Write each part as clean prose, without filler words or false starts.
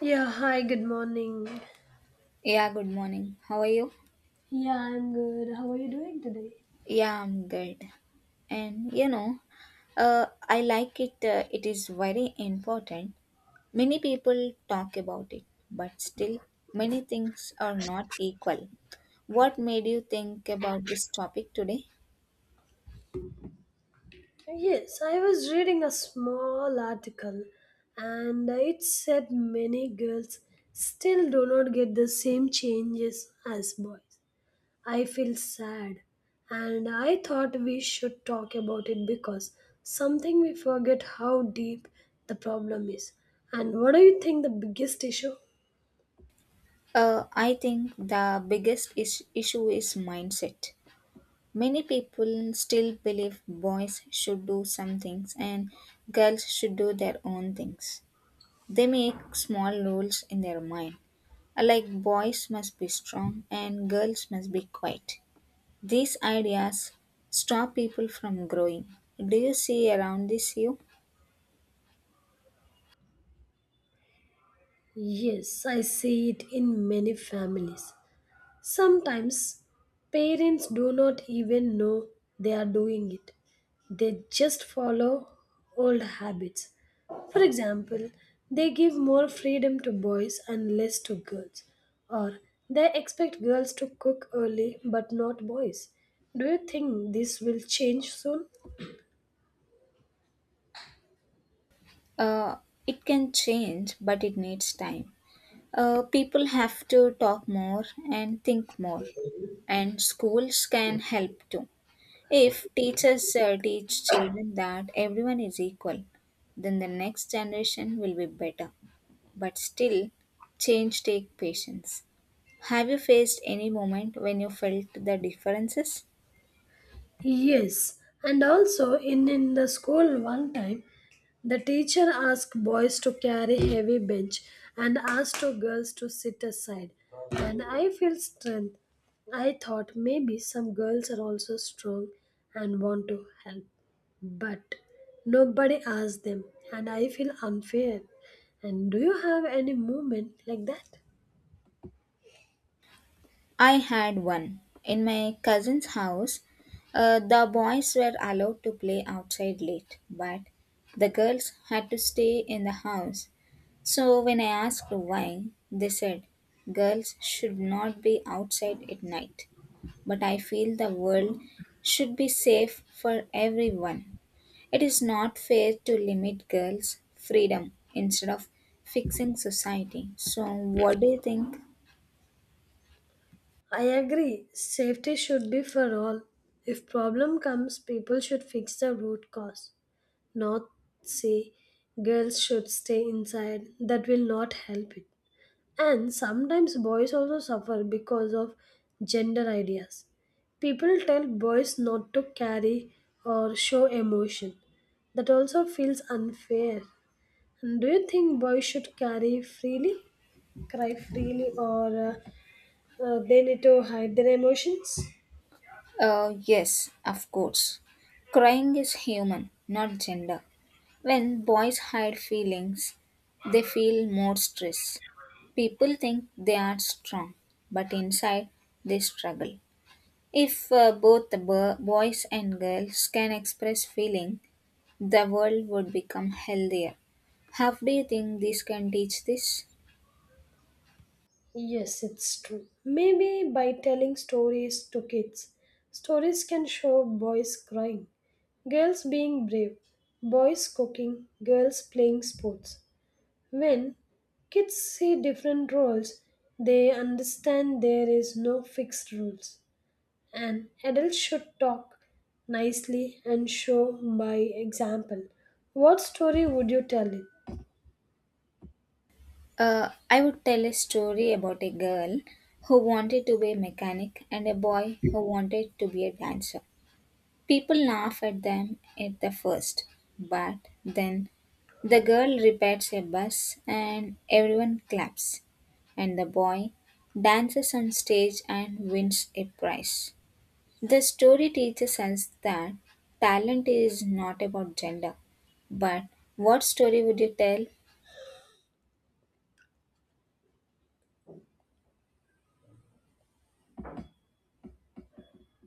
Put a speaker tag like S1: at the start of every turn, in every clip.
S1: Yeah, hi, good morning.
S2: Yeah, good morning. How are you?
S1: Yeah, I'm good. How are you doing today?
S2: Yeah, I'm good. And I like it. It is very important. Many people talk about it, but still, many things are not equal. What made you think about this topic today?
S1: Yes, I was reading a small article and it said many girls still do not get the same changes as boys. I feel sad and I thought we should talk about it because something we forget how deep the problem is. And what do you think the biggest issue?
S2: I think the biggest issue is mindset. Many people still believe boys should do some things and girls should do their own things. They make small rules in their mind, like boys must be strong and girls must be quiet. These ideas stop people from growing. Do you see around this you?
S1: Yes, I see it in many families. Sometimes parents do not even know they are doing it. They just follow old habits. For example, they give more freedom to boys and less to girls. Or they expect girls to cook early but not boys. Do you think this will change soon?
S2: Uh, it can change, but it needs time. People have to talk more and think more, and schools can help too. If teachers teach children that everyone is equal, then the next generation will be better. But still, change take patience. Have you faced any moment when you felt the differences?
S1: Yes, and also in the school one time, the teacher asked boys to carry heavy bench and asked to girls to sit aside. And I feel strength. I thought maybe some girls are also strong and want to help. But nobody asked them and I feel unfair. And do you have any moment like that?
S2: I had one. In my cousin's house, the boys were allowed to play outside late, but the girls had to stay in the house. So when I asked why, they said girls should not be outside at night. But I feel the world should be safe for everyone. It is not fair to limit girls' freedom instead of fixing society. So, what do you think?
S1: I agree. Safety should be for all. If problem comes, people should fix the root cause, not say girls should stay inside. That will not help it. And sometimes boys also suffer because of gender ideas. People tell boys not to carry or show emotion. That also feels unfair. And do you think boys should carry freely, cry freely, or they need to hide their emotions?
S2: Yes, of course. Crying is human, not gender. When boys hide feelings, they feel more stress. People think they are strong, but inside they struggle. If both the boys and girls can express feeling, the world would become healthier. How do you think this can teach this?
S1: Yes, it's true. Maybe by telling stories to kids, stories can show boys crying, girls being brave, boys cooking, girls playing sports. When kids see different roles, they understand there is no fixed rules. And adults should talk nicely and show by example. What story would you tell it?
S2: I would tell a story about a girl who wanted to be a mechanic and a boy who wanted to be a dancer. People laugh at them at the first, but then the girl repairs a bus and everyone claps, and the boy dances on stage and wins a prize. The story teaches us that talent is not about gender, but what story would you tell?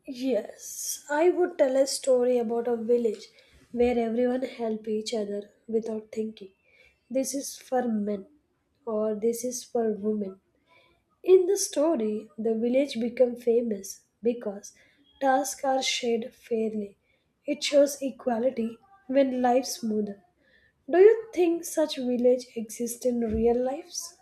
S1: Yes, I would tell a story about a village where everyone help each other without thinking. This is for men or this is for women. In the story, the village become famous because tasks are shared fairly. It shows equality when life's smoother. Do you think such village exist in real lives?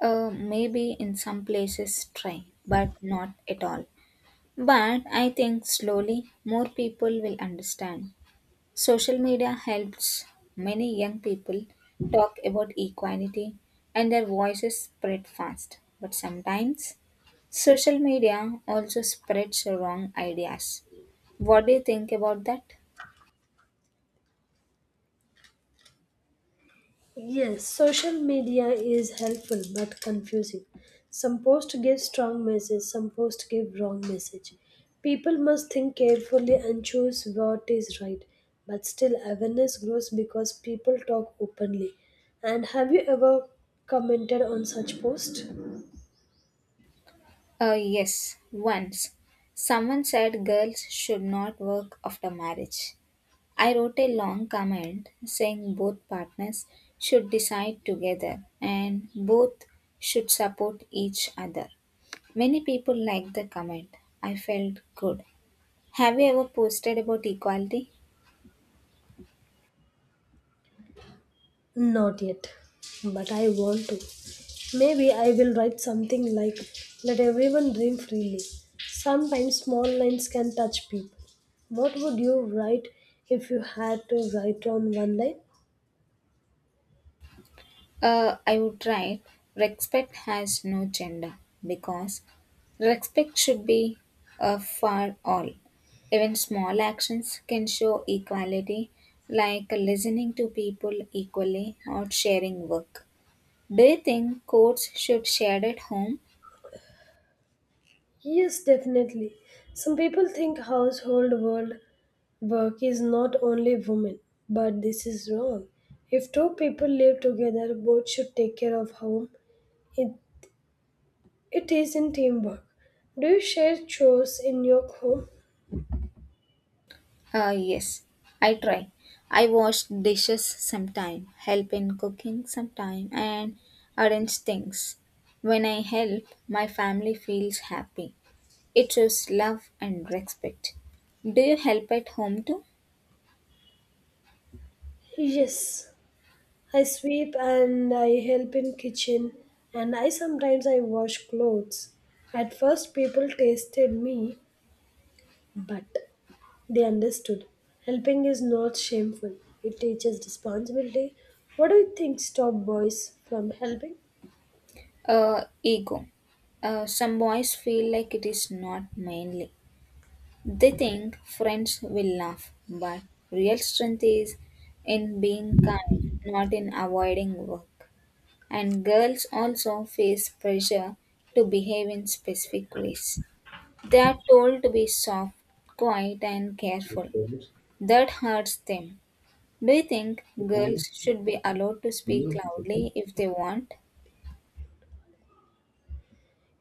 S2: Maybe in some places try, but not at all. But I think slowly more people will understand. Social media helps many young people talk about equality and their voices spread fast. But sometimes social media also spreads wrong ideas. What do you think about that?
S1: Yes, social media is helpful but confusing. Some posts give strong message, some posts give wrong message. People must think carefully and choose what is right. But still awareness grows because people talk openly. And have you ever commented on such post?
S2: Yes, once. Someone said girls should not work after marriage. I wrote a long comment saying both partners should decide together and both should support each other. Many people liked the comment. I felt good. Have you ever posted about equality?
S1: Not yet, but I want to. Maybe I will write something like, let everyone dream freely. Sometimes small lines can touch people. What would you write if you had to write on one line?
S2: I would write respect has no gender because respect should be for all. Even small actions can show equality, like listening to people equally or sharing work. Do you think courts should share at home?
S1: Yes, definitely. Some people think household world work is not only women, but this is wrong. If two people live together, both should take care of home. It, it is in teamwork. Do you share chores in your home?
S2: Yes, I try. I wash dishes sometime, help in cooking sometime, and arrange things. When I help, my family feels happy. It shows love and respect. Do you help at home too?
S1: Yes, I sweep and I help in kitchen and I sometimes I wash clothes. At first people tasted me, but they understood. Helping is not shameful. It teaches responsibility. What do you think stop boys from helping?
S2: Ego. Some boys feel like it is not manly. They think friends will laugh, but real strength is in being kind, not in avoiding work. And girls also face pressure to behave in specific ways. They are told to be soft, quiet, and careful. That hurts them. Do you think girls should be allowed to speak loudly if they want?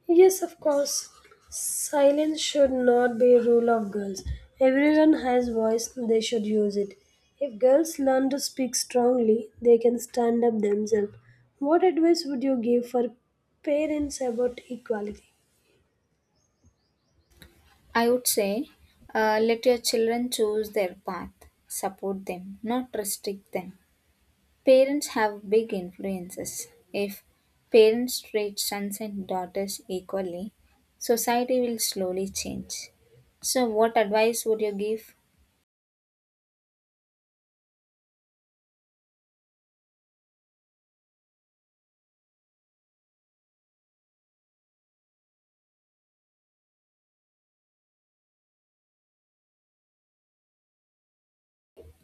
S1: Yes, of course. Silence should not be a rule of girls. Everyone has voice, they should use it. If girls learn to speak strongly, they can stand up themselves. What advice would you give for parents about equality?
S2: I would say let your children choose their path, support them, not restrict them. Parents have big influences. If parents treat sons and daughters equally, society will slowly change. So, what advice would you give?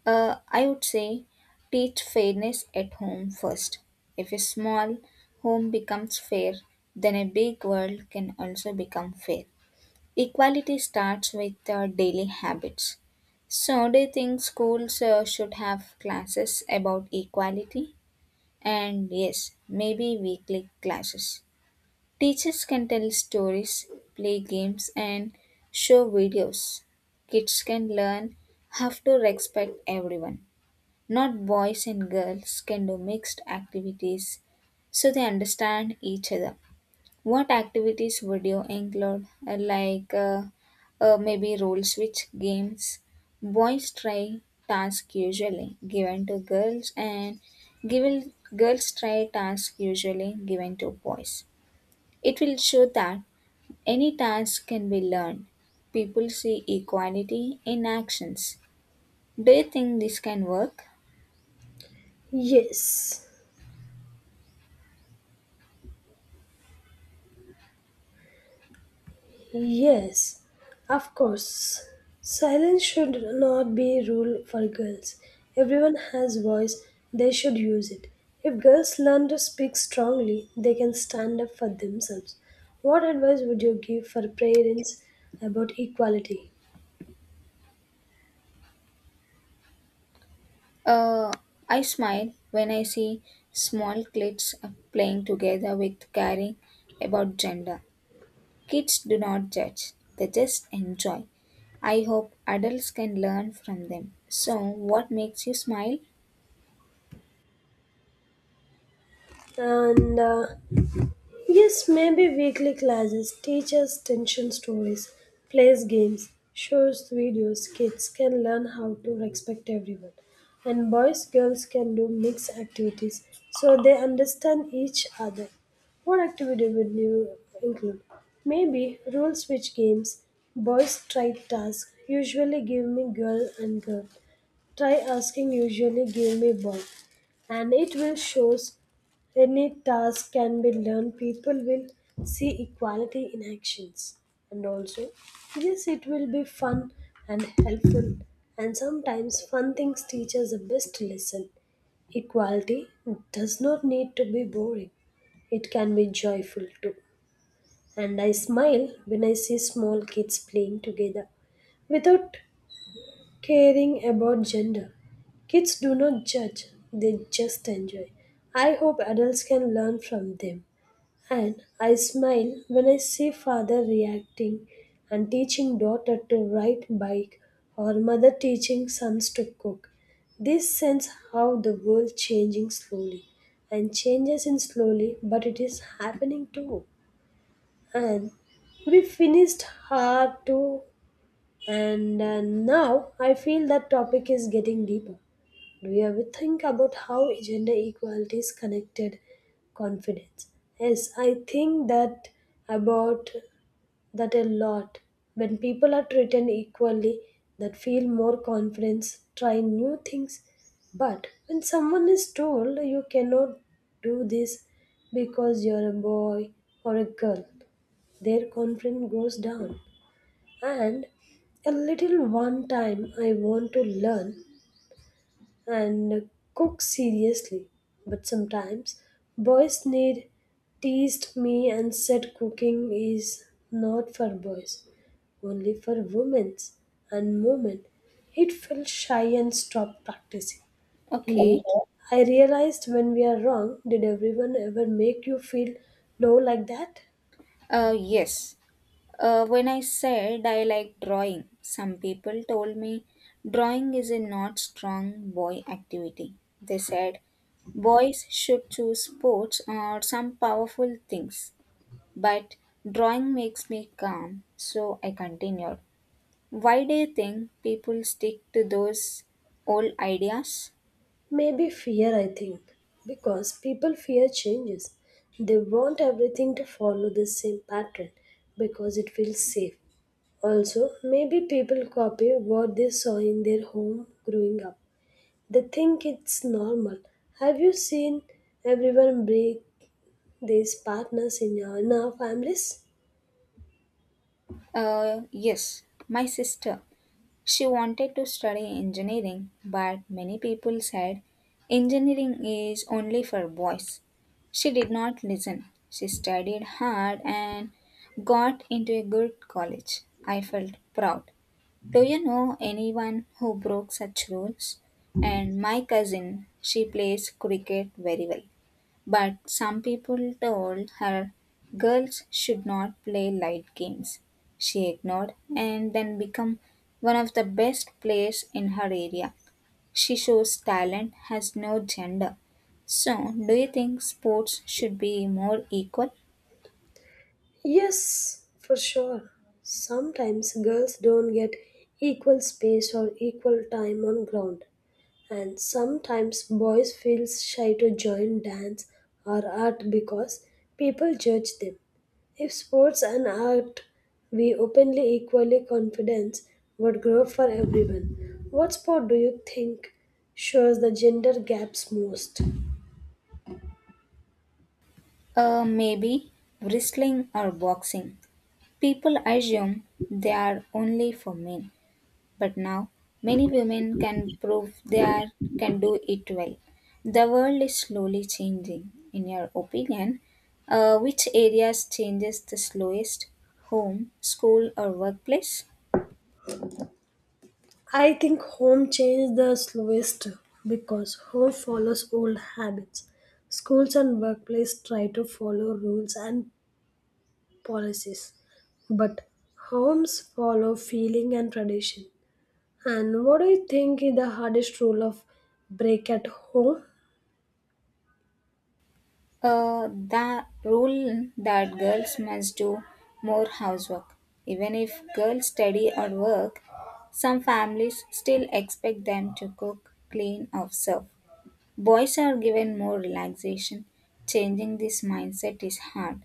S2: I would say teach fairness at home first. If a small home becomes fair, then a big world can also become fair. Equality starts with daily habits. So, do you think schools should have classes about equality? And yes, maybe weekly classes. Teachers can tell stories, play games, and show videos. Kids can learn how to respect everyone. Not boys and girls can do mixed activities so they understand each other. What activities would you include? Like, maybe role switch games. Boys try tasks usually given to girls, and girls try tasks usually given to boys. It will show that any task can be learned. People see equality in actions. Do you think this can work?
S1: Yes. Yes, of course. Silence should not be a rule for girls. Everyone has voice, they should use it. If girls learn to speak strongly, they can stand up for themselves. What advice would you give for parents about equality?
S2: Uh, I smile when I see small kids playing together with caring about gender. Kids do not judge, they just enjoy. I hope adults can learn from them. So, what makes you smile?
S1: And Yes, maybe weekly classes, teachers' tension stories, plays games, shows videos, kids can learn how to respect everyone. And boys, girls can do mixed activities so they understand each other. What activity would you include? Maybe rule switch games, boys try tasks, usually give me girl and girl. Try asking usually give me boy. And it will shows any task can be learned, people will see equality in actions. And also, yes, it will be fun and helpful. And sometimes, fun things teach us the best lesson. Equality does not need to be boring, it can be joyful too. And I smile when I see small kids playing together without caring about gender. Kids do not judge, they just enjoy. I hope adults can learn from them. And I smile when I see father reacting and teaching daughter to ride bike or mother teaching sons to cook. This sense how the world changing slowly and changes in slowly but it is happening too. And we finished hard to and now I feel that topic is getting deeper. Do you ever think about how gender equality is connected confidence? Yes, I think that about that a lot. When people are treated equally, that feel more confidence, try new things. But when someone is told you cannot do this because you're a boy or a girl, their confidence goes down and a little one time I want to learn and cook seriously. But sometimes boys need teased me and said cooking is not for boys, only for women's and moment. It felt shy and stopped practicing.
S2: Okay.
S1: Later, I realized when we are wrong, did everyone ever make you feel low like that?
S2: Yes. When I said I like drawing, some people told me drawing is a not strong boy activity. They said boys should choose sports or some powerful things. But drawing makes me calm, so I continued. Why do you think people stick to those old ideas?
S1: Maybe fear, I think, because people fear changes. They want everything to follow the same pattern because it feels safe. Also, maybe people copy what they saw in their home growing up. They think it's normal. Have you seen everyone break these partners in your in our families?
S2: Yes, my sister. She wanted to study engineering, but many people said engineering is only for boys. She did not listen. She studied hard and got into a good college. I felt proud. Do you know anyone who broke such rules? And my cousin, she plays cricket very well. But some people told her girls should not play light games. She ignored and then became one of the best players in her area. She shows talent has no gender. So, do you think sports should be more equal?
S1: Yes, for sure. Sometimes girls don't get equal space or equal time on ground. And sometimes boys feel shy to join dance or art because people judge them. If sports and art we openly equally confidence would grow for everyone. What sport do you think shows the gender gaps most?
S2: Maybe wrestling or boxing. People assume they are only for men. But now, many women can prove can do it well. The world is slowly changing. In your opinion, which areas changes the slowest? Home, school, or workplace?
S1: I think home change the slowest because home follows old habits. Schools and workplace try to follow rules and policies. But homes follow feeling and tradition. And what do you think is the hardest rule of break at home?
S2: The rule that girls must do more housework. Even if girls study or work, some families still expect them to cook, clean, or serve. Boys are given more relaxation. Changing this mindset is hard.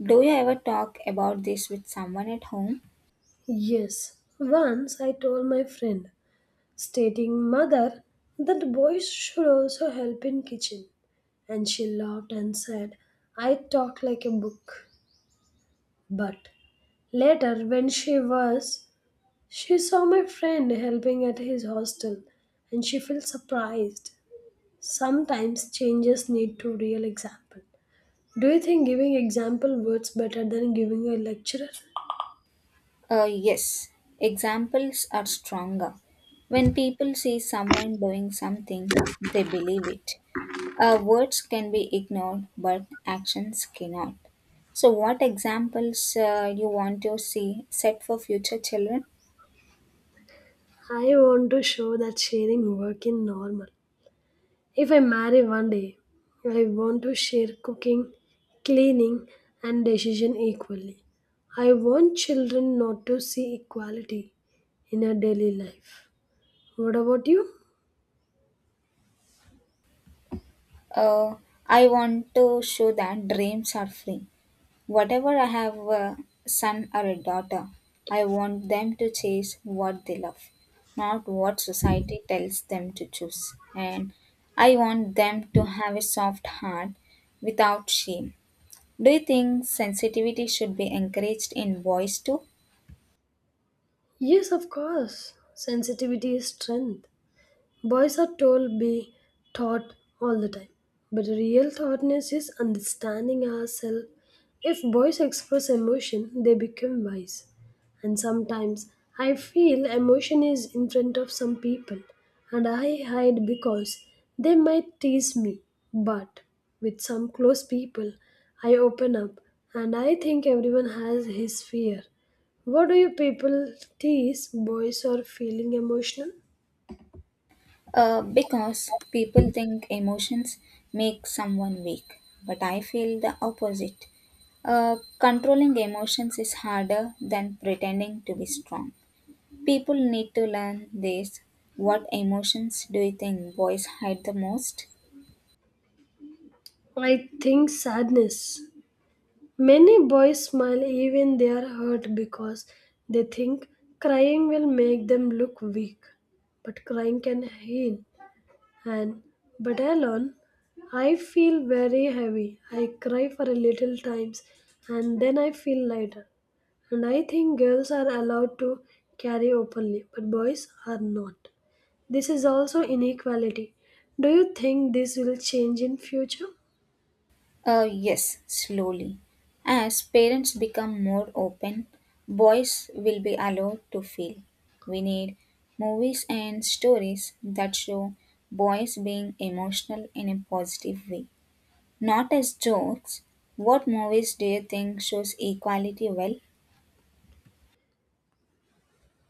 S2: Do you ever talk about this with someone at home?
S1: Yes, once I told my friend, stating mother that boys should also help in kitchen. And she laughed and said, I talk like a book. But later, when she was, she saw my friend helping at his hostel and she felt surprised. Sometimes changes need to real example. Do you think giving example works better than giving a lecture?
S2: Yes, examples are stronger. When people see someone doing something, they believe it. Words can be ignored, but actions cannot. So, what examples you want to see set for future children?
S1: I want to show that sharing work in normal. If I marry one day, I want to share cooking, cleaning, and decision equally. I want children not to see equality in our daily life. What about you?
S2: Uh, I want to show that dreams are free. Whatever I have a son or a daughter, I want them to chase what they love, not what society tells them to choose. And I want them to have a soft heart without shame. Do you think sensitivity should be encouraged in boys too?
S1: Yes, of course. Sensitivity is strength. Boys are told be taught all the time, but real thoughtness is understanding ourselves. If boys express emotion, they become wise. And sometimes I feel emotion is in front of some people, and I hide because they might tease me. But with some close people, I open up, and I think everyone has his fear. What do you people tease boys are feeling emotional?
S2: Because people think emotions make someone weak, but I feel the opposite. Controlling emotions is harder than pretending to be strong. People need to learn this. What emotions do you think boys hide the most?
S1: I think sadness. Many boys smile even they are hurt because they think crying will make them look weak. But crying can heal. And but alone, I feel very heavy. I cry for a little times and then I feel lighter. And I think girls are allowed to carry openly, but boys are not. This is also inequality. Do you think this will change in future?
S2: Yes, slowly. As parents become more open, boys will be allowed to feel. We need movies and stories that show boys being emotional in a positive way. Not as jokes. What movies do you think shows equality well?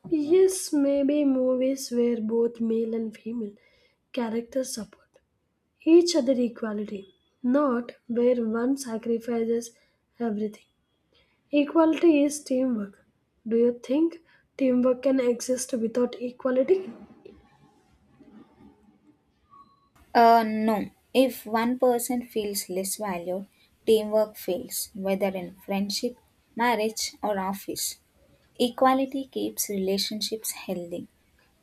S1: Yes, maybe movies where both male and female characters support each other equality, not where one sacrifices everything. Equality is teamwork. Do you think teamwork can exist without equality?
S2: No. If one person feels less valued, teamwork fails, whether in friendship, marriage, or office. Equality keeps relationships healthy.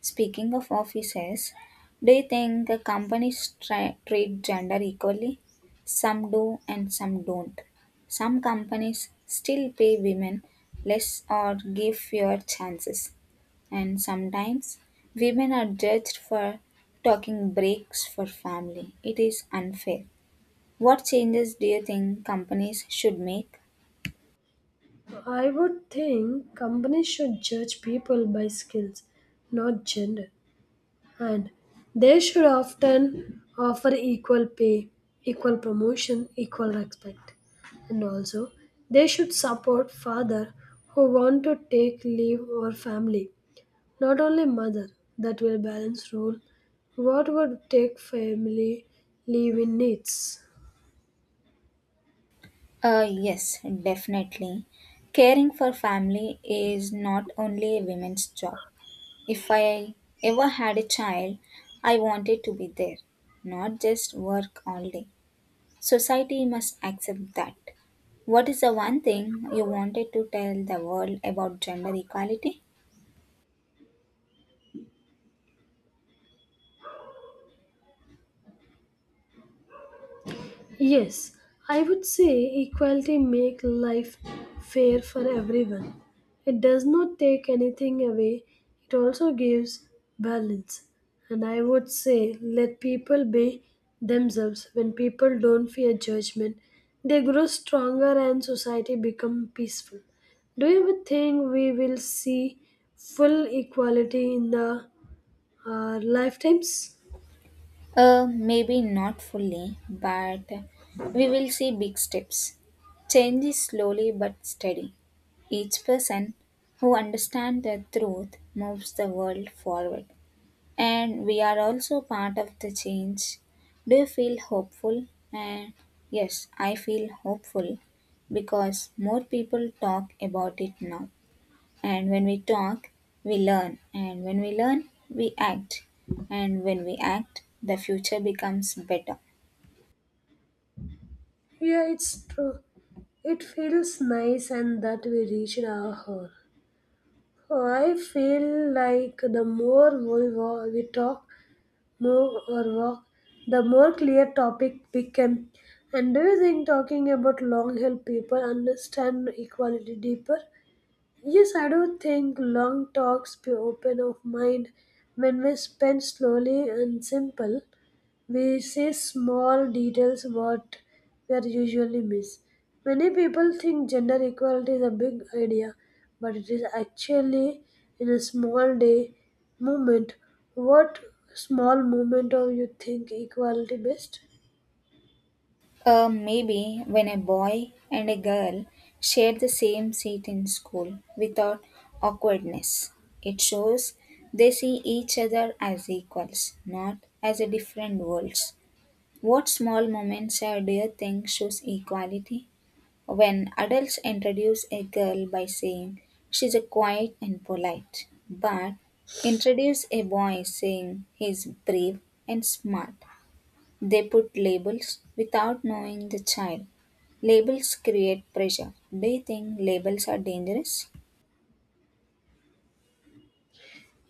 S2: Speaking of offices, do you think the companies treat gender equally? Some do and some don't. Some companies still pay women less or give fewer chances. And sometimes women are judged for talking breaks for family. It is unfair. What changes do you think companies should make?
S1: I would think companies should judge people by skills, not gender. And they should often offer equal pay, equal promotion, equal respect. And also, they should support father who want to take leave or family, not only mother. That will balance rule. What would take family leave in needs?
S2: Yes, definitely. Caring for family is not only a women's job. If I ever had a child, I wanted to be there, not just work all day. Society must accept that. What is the one thing you wanted to tell the world about gender equality?
S1: Yes, I would say equality make life fair for everyone. It does not take anything away. It also gives balance. And I would say let people be themselves. When people don't fear judgment, they grow stronger and society become peaceful. Do you ever think we will see full equality in the lifetimes?
S2: Maybe not fully, but we will see big steps. Change is slowly but steady. Each person who understands the truth moves the world forward. And we are also part of the change. Do you feel hopeful? And yes, I feel hopeful because more people talk about it now. And when we talk, we learn. And when we learn, we act. And when we act, the future becomes better.
S1: Yeah, it's true. It feels nice and that we reached our home. Oh, I feel like the more we talk, move or walk, the more clear topic became. And do you think talking about long help people understand equality deeper? Yes, I do think long talks be open of mind when we spend slowly and simple we see small details what we are usually miss. Many people think gender equality is a big idea, but it is actually in a small day movement. What small movement are you think equality best?
S2: Maybe when a boy and a girl share the same seat in school without awkwardness, it shows they see each other as equals, not as a different worlds. What small moments do you think shows equality? When adults introduce a girl by saying she's a quiet and polite, but introduce a boy saying he's brave and smart, they put labels without knowing the child. Labels create pressure. Do you think labels are dangerous?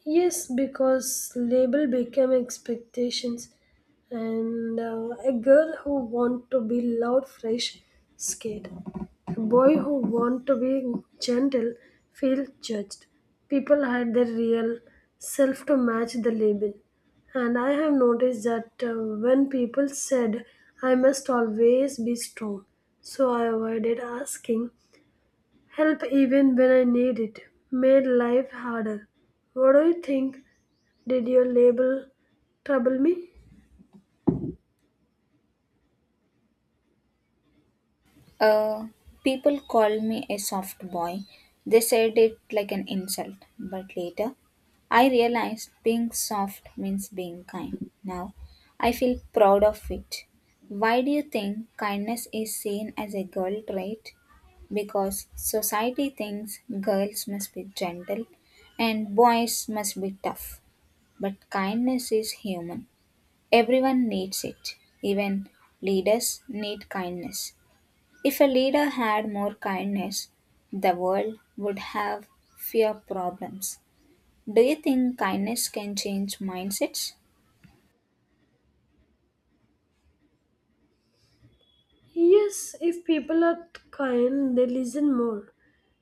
S1: Yes, because label become expectations, and a girl who want to be loud, fresh, scared. A boy who want to be gentle feel judged. People hide their real self to match the label, and I have noticed that when people said I must always be strong, so I avoided asking help even when I need it, made life harder. What do you think? Did your label trouble me?
S2: Uh, People called me a soft boy. They said it like an insult. But later, I realized being soft means being kind. Now, I feel proud of it. Why do you think kindness is seen as a girl trait? Because society thinks girls must be gentle and boys must be tough. But kindness is human. Everyone needs it. Even leaders need kindness. If a leader had more kindness, the world would have fewer problems. Do you think kindness can change mindsets?
S1: Yes, if people are kind, they listen more.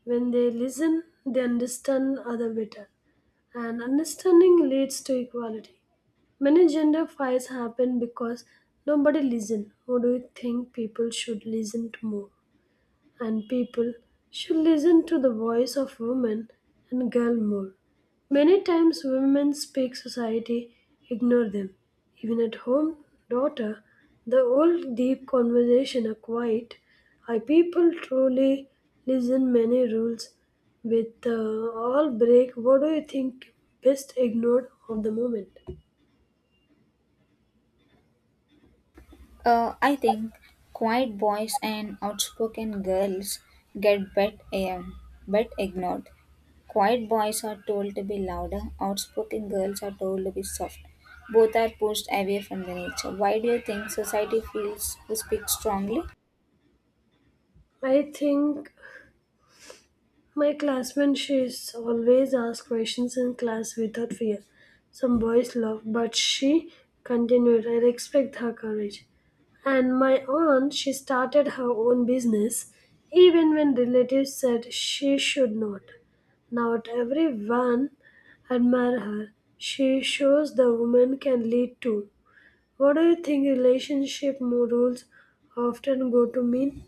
S1: When they listen, they understand other better. And understanding leads to equality. Many gender fights happen because nobody listen. Who do you think people should listen to more? And people should listen to the voice of women and girl more. Many times women speak society ignore them. Even at home, daughter, the old deep conversation are quiet. I people truly listen many rules with all break. What do you think best ignored of the moment?
S2: I think quiet boys and outspoken girls get bet ignored. Quiet boys are told to be louder, outspoken girls are told to be soft. Both are pushed away from the nature. Why do you think society feels to speak strongly?
S1: I think my classmate, she's always asked questions in class without fear. Some boys laughed, but she continued. I respect her courage. And my aunt, she started her own business, even when relatives said she should not. Now everyone admire her. She shows the woman can lead too. What do you think relationship rules often go to mean?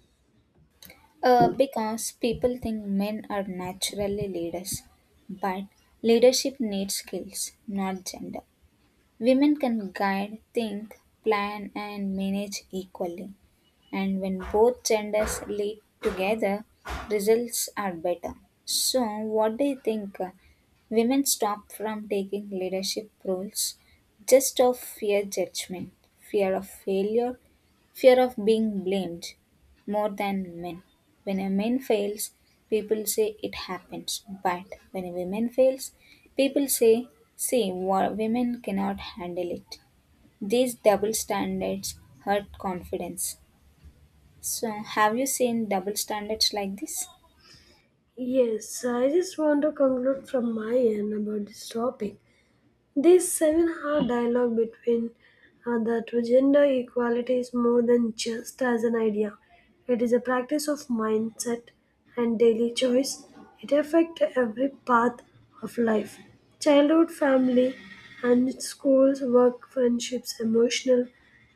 S2: Because people think men are naturally leaders, but leadership needs skills, not gender. Women can guide, think, plan, and manage equally. And when both genders lead together, results are better. So, what do you think? Women stop from taking leadership roles just of fear judgment, fear of failure, fear of being blamed more than men. When a man fails, people say it happens. But when a woman fails, people say, see, women cannot handle it. These double standards hurt confidence. So, have you seen double standards like this?
S1: Yes, I just want to conclude from my end about this topic. This 7 hour dialogue between that gender equality is more than just as an idea. It is a practice of mindset and daily choice. It affects every path of life childhood, family, and schools, work, friendships, emotional,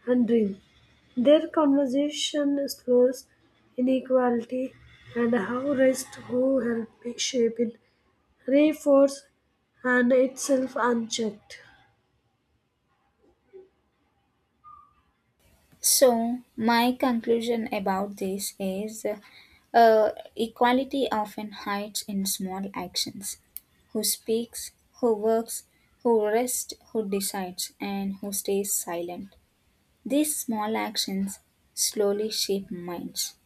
S1: and dream. Their conversation explores inequality and how race who help shape it reinforce and itself unchecked.
S2: So, my conclusion about this is uh, equality often hides in small actions. Who speaks, who works, who rests, who decides, and who stays silent. These small actions slowly shape minds.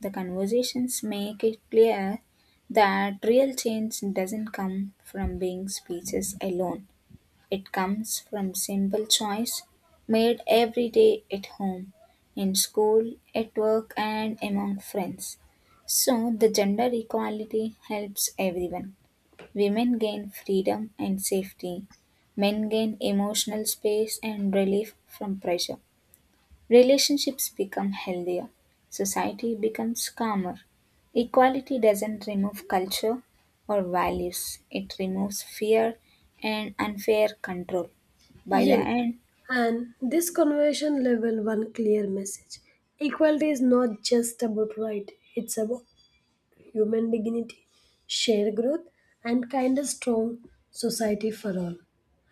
S2: The conversations make it clear that real change doesn't come from big speeches alone. It comes from simple choice made every day at home, in school, at work, and among friends. So, the gender equality helps everyone. Women gain freedom and safety, men gain emotional space and relief from pressure. Relationships become healthier, society becomes calmer. Equality doesn't remove culture or values, it removes fear and unfair control. By the
S1: Yes,
S2: end,
S1: and this conversation level one clear message. Equality is not just about right, it's about human dignity, shared growth, and kind of strong society for all.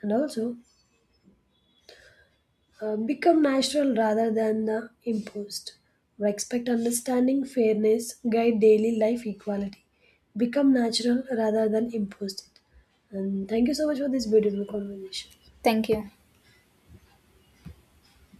S1: And also, become natural rather than imposed. Respect understanding, fairness, guide daily life equality. Become natural rather than imposed. It. And thank you so much for this beautiful conversation.
S2: thank you.